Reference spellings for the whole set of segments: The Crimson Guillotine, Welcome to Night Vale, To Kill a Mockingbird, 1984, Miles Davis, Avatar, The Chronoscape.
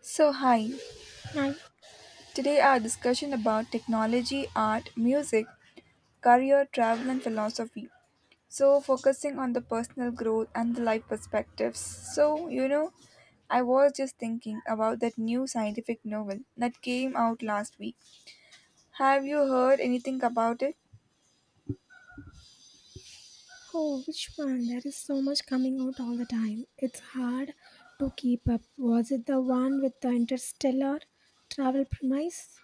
So, hi. I Today, our discussion about technology, art, music, career, travel, and philosophy. So, focusing on the personal growth and the life perspectives. I was just thinking about that new scientific novel that came out last week. Have you heard anything about it? Oh, which one? There is so much coming out all the time. It's hard to keep up. Was it the one with the interstellar travel premise?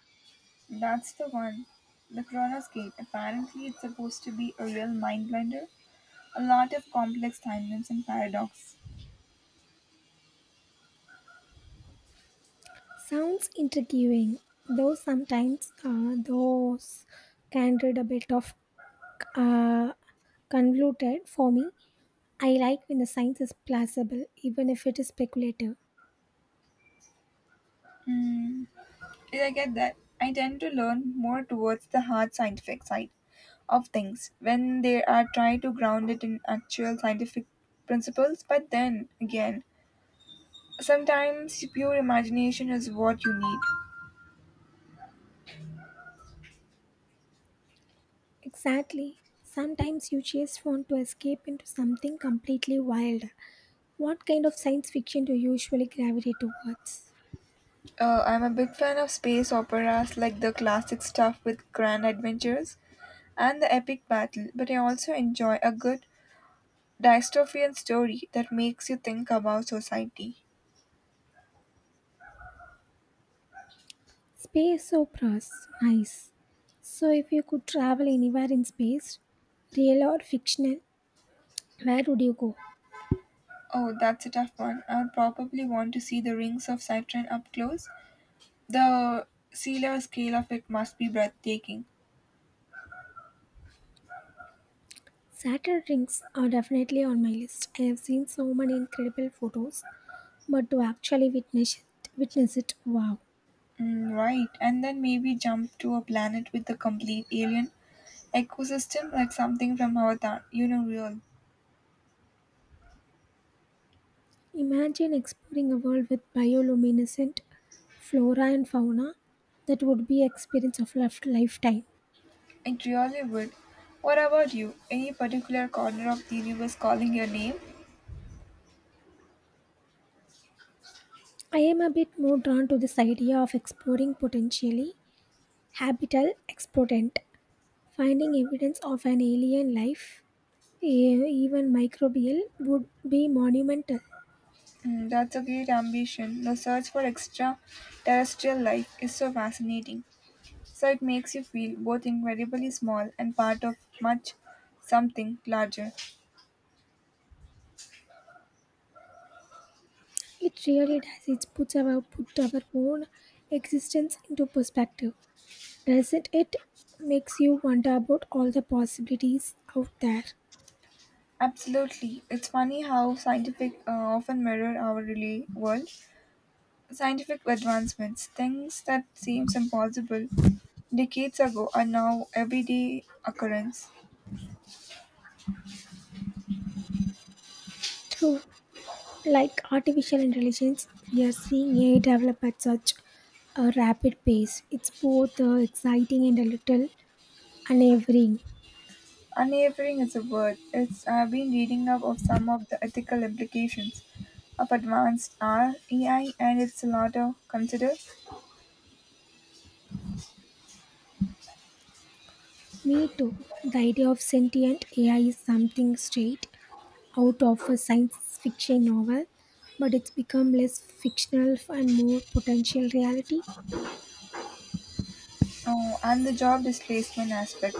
That's the one. The Chronoscape. Apparently, it's supposed to be a real mind blender. A lot of complex timelines and paradox. Sounds intriguing, though sometimes those can read a bit of uh, convoluted for me. I like when the science is plausible, even if it is speculative. Yeah, I get that. I tend to learn more towards the hard scientific side of things when they are trying to ground it in actual scientific principles, but then again, sometimes pure imagination is what you need. Exactly. Sometimes you just want to escape into something completely wild. What kind of science fiction do you usually gravitate towards? I'm a big fan of space operas like the classic stuff with grand adventures and the epic battle, but I also enjoy a good dystopian story that makes you think about society. Space operas. Nice. So, if you could travel anywhere in space, real or fictional, where would you go? Oh, that's a tough one. I would probably want to see the rings of Saturn up close. The sea level scale of it must be breathtaking. Saturn rings are definitely on my list. I have seen so many incredible photos, but to actually witness it, wow. Right, and then maybe jump to a planet with a complete alien ecosystem like something from Avatar. You know, real. Imagine exploring a world with bioluminescent flora and fauna. That would be experience of lifetime. It really would. What about you? Any particular corner of the universe calling your name? I am a bit more drawn to this idea of exploring potentially habitable exponent. Finding evidence of an alien life, even microbial, would be monumental. That's a great ambition. The search for extra terrestrial life is so fascinating. So it makes you feel both incredibly small and part of much something larger. It really does. It puts our put our own existence into perspective, doesn't it? Makes you wonder about all the possibilities out there. Absolutely. It's funny how scientific often mirror our real world. Scientific advancements, things that seems impossible decades ago are now everyday occurrence. True. Like artificial intelligence, we are seeing AI develop at such a rapid pace. It's both exciting and a little unnerving. Unwavering is a word. It's I've been reading up of some of the ethical implications of advanced AI, and it's a lot to consider. Me too. The idea of sentient AI is something straight out of a science fiction novel, but it's become less fictional and more potential reality. Oh, and the job displacement aspect.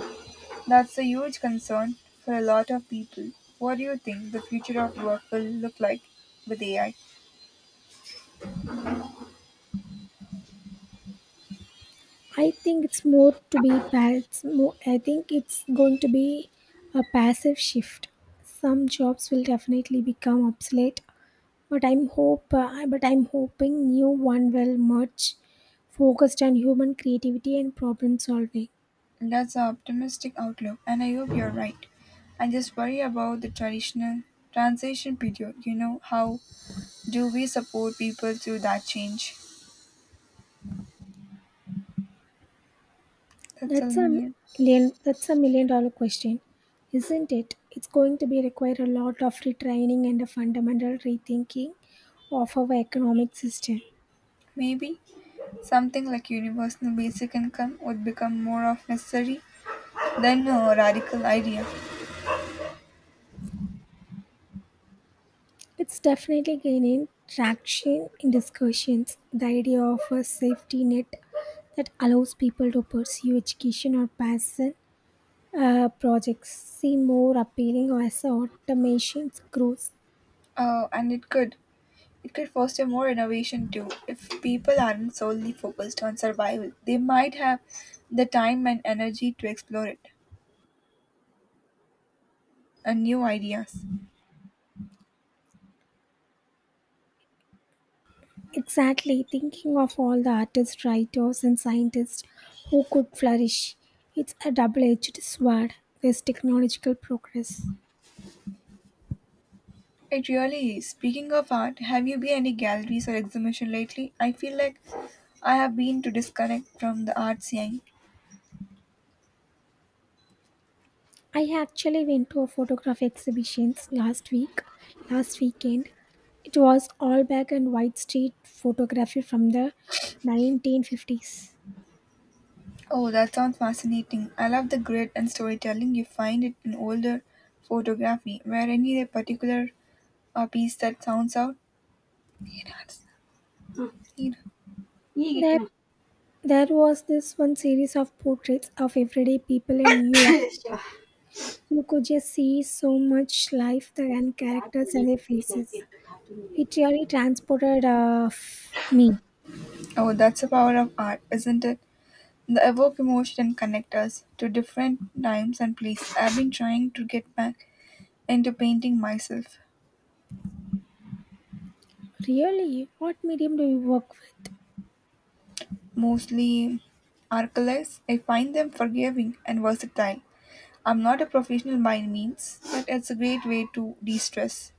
That's a huge concern for a lot of people. What do you think the future of work will look like with AI? I think it's more to be pass- more, I think it's going to be a passive shift. Some jobs will definitely become obsolete, but I'm hope but I'm hoping new one will merge focused on human creativity and problem solving. That's an optimistic outlook, and I hope you're right. I just worry about the traditional transition period. You know, how do we support people through that change? That's a that's a million. That's a million dollar question, isn't it? It's going to be require a lot of retraining and a fundamental rethinking of our economic system. Maybe something like universal basic income would become more of necessary than a radical idea. It's definitely gaining traction in discussions. The idea of a safety net that allows people to pursue education or passion projects seem more appealing as automation grows. Oh, and it could, it could foster more innovation too. If people aren't solely focused on survival, they might have the time and energy to explore it and new ideas. Exactly, thinking of all the artists, writers, and scientists who could flourish. It's a double edged sword, this technological progress. It really is. Speaking of art, have you been any galleries or exhibition lately? I feel like I have been to disconnect from the art scene. I actually went to a photography exhibition last weekend. It was all black and white street photography from the 1950s. Oh, that sounds fascinating. I love the grit and storytelling you find it in older photography. Where any particular piece that sounds out? There, there was this one series of portraits of everyday people in New York. You could just see so much life there and characters and their faces. It really transported me. Oh, that's the power of art, isn't it? The evoke emotion connect us to different times and places. I've been trying to get back into painting myself, Really? What medium do you work with? mostly acrylics. I find them forgiving and versatile. I'm not a professional by any means, but it's a great way to de-stress.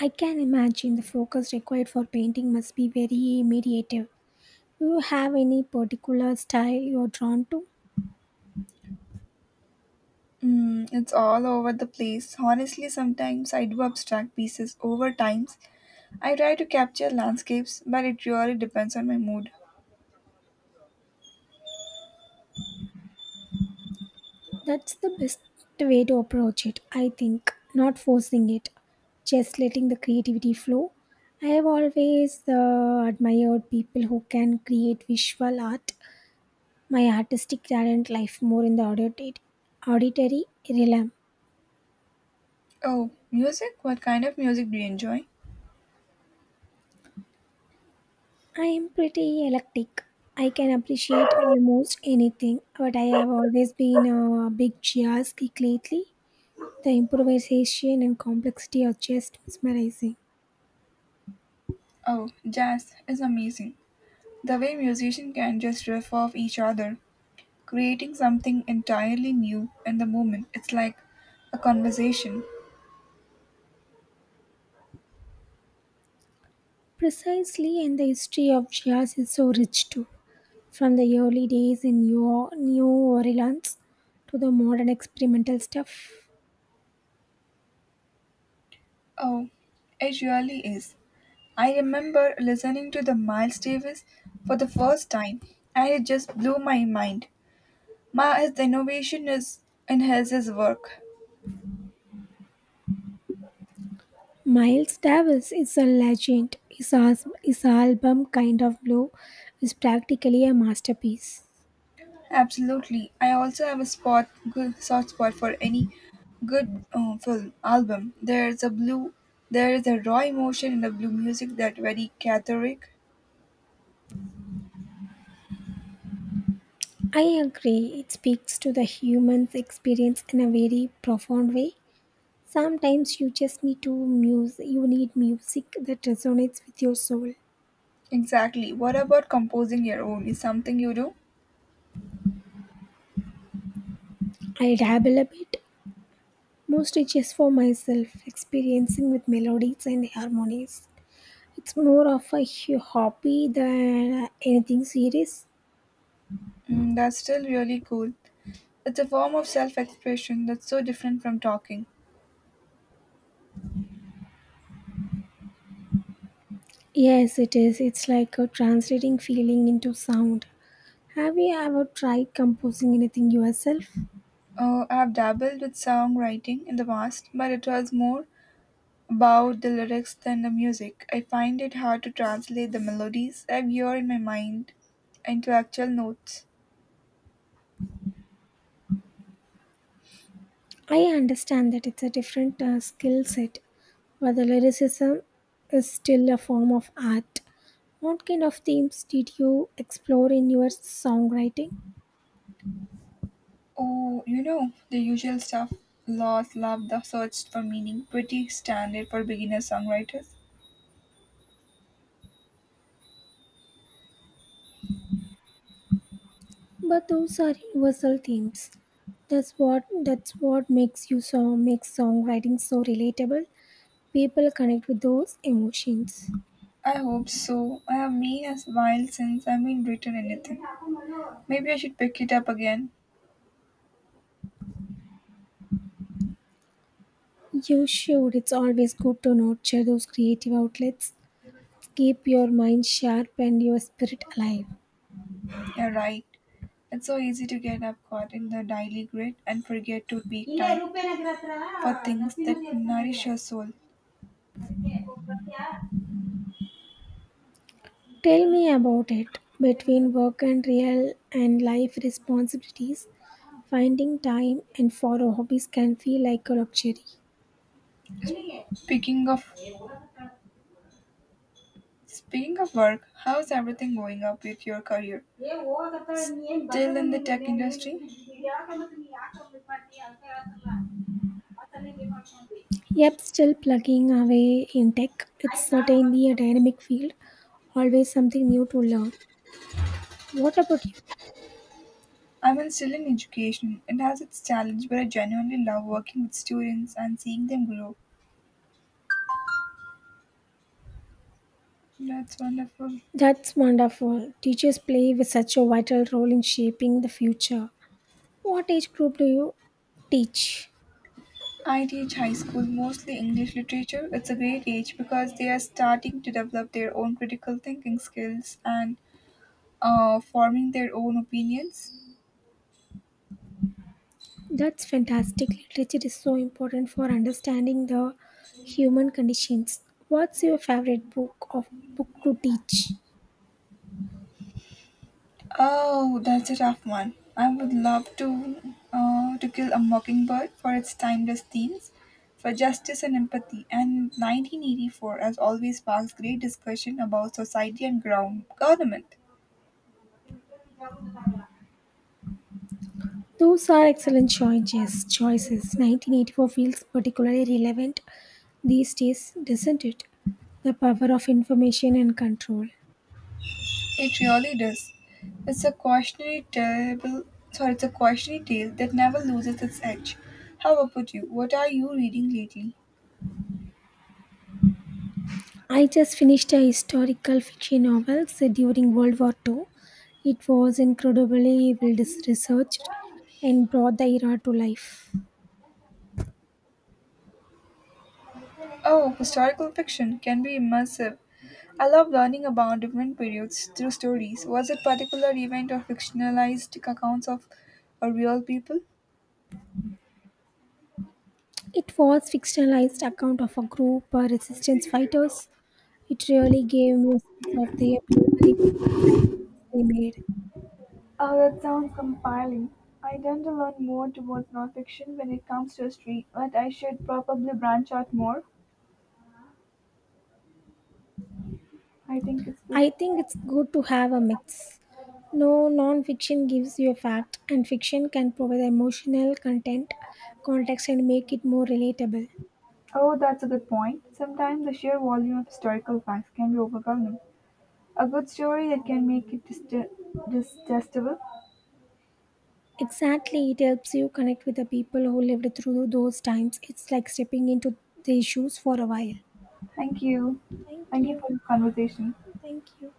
I can imagine the focus required for painting must be very meditative. Do you have any particular style you're drawn to? It's all over the place. Honestly, sometimes I do abstract pieces over times. I try to capture landscapes, but it really depends on my mood. That's the best way to approach it, I think. Not forcing it, just letting the creativity flow. I have always admired people who can create visual art. My artistic talent lies more in the auditory realm. Oh, music? What kind of music do you enjoy? I am pretty eclectic. I can appreciate almost anything, but I have always been a big jazz geek lately. The improvisation and complexity are just mesmerizing. Oh, jazz is amazing. The way musicians can just riff off each other, creating something entirely new in the moment. It's like a conversation. Precisely, and the history of jazz is so rich too, from the early days in New Orleans to the modern experimental stuff. Oh, it really is. I remember listening to the Miles Davis for the first time, and it just blew my mind. Ma, his innovation is in his work. Miles Davis is a legend. His album, Kind of Blue, is practically a masterpiece. Absolutely. I also have a spot good soft spot for any good film album. There is a raw emotion in the blue music that very cathartic. I agree, it speaks to the human's experience in a very profound way. Sometimes you just need to muse, you need music that resonates with your soul. Exactly. What about composing your own? Is something you do? I dabble a bit, mostly just for myself, experiencing with melodies and harmonies. It's more of a hobby than anything serious. That's still really cool. It's a form of self-expression that's so different from talking. Yes, it is. It's like a translating feeling into sound. Have you ever tried composing anything yourself? I've dabbled with songwriting in the past, but it was more about the lyrics than the music. I find it hard to translate the melodies I hear in my mind into actual notes. I understand that it's a different skill set, but the lyricism is still a form of art. What kind of themes did you explore in your songwriting? Oh, you know, the usual stuff. Lost love, the search for meaning, pretty standard for beginner songwriters. But those are universal themes. That's what makes you song makes songwriting so relatable. People connect with those emotions. I hope so. I have been a while since I've been written anything. Maybe I should pick it up again. You should. It's always good to nurture those creative outlets. Keep your mind sharp and your spirit alive. You're right. It's so easy to get up caught in the daily grid and forget to take time for things that nourish your soul. Tell me about it. Between work and real and life responsibilities, finding time and for hobbies can feel like a luxury. Speaking of speaking of work, how's everything going up with your career? Still in the tech industry? Yep, still plugging away in tech. It's certainly a dynamic field, always something new to learn. What about you? I am still in education. It has its challenge, but I genuinely love working with students and seeing them grow. That's wonderful. That's wonderful. Teachers play with such a vital role in shaping the future. What age group do you teach? I teach high school, mostly English literature. It's a great age because they are starting to develop their own critical thinking skills and forming their own opinions. That's fantastic. Literature is so important for understanding the human conditions. What's your favorite book to teach? Oh, that's a tough one. I would love to kill a mockingbird for its timeless themes, for justice and empathy. And 1984, as always, sparks great discussion about society and ground government. Those are excellent choices. 1984 feels particularly relevant these days, doesn't it? The power of information and control. It really does. It's a cautionary tale. It's a cautionary tale that never loses its edge. How about you? What are you reading lately? I just finished a historical fiction novel set during World War II. It was incredibly well researched and brought the era to life. Oh, historical fiction can be immersive. I love learning about different periods through stories. Was it particular event or fictionalized accounts of real people? It was fictionalized account of a group of resistance fighters. It really gave me a sense of their bravery and sacrifice they made. Oh, that sounds compelling. I tend to learn more towards nonfiction when it comes to history, but I should probably branch out more. I think it's good. I think it's good to have a mix. No non-fiction gives you a fact, and fiction can provide emotional context, and make it more relatable. Oh, that's a good point. Sometimes the sheer volume of historical facts can be overwhelming. A good story that can make it digestible. Exactly, it helps you connect with the people who lived through those times. It's like stepping into the shoes for a while. Thank you. Thank Thank you you. for the conversation. Thank you.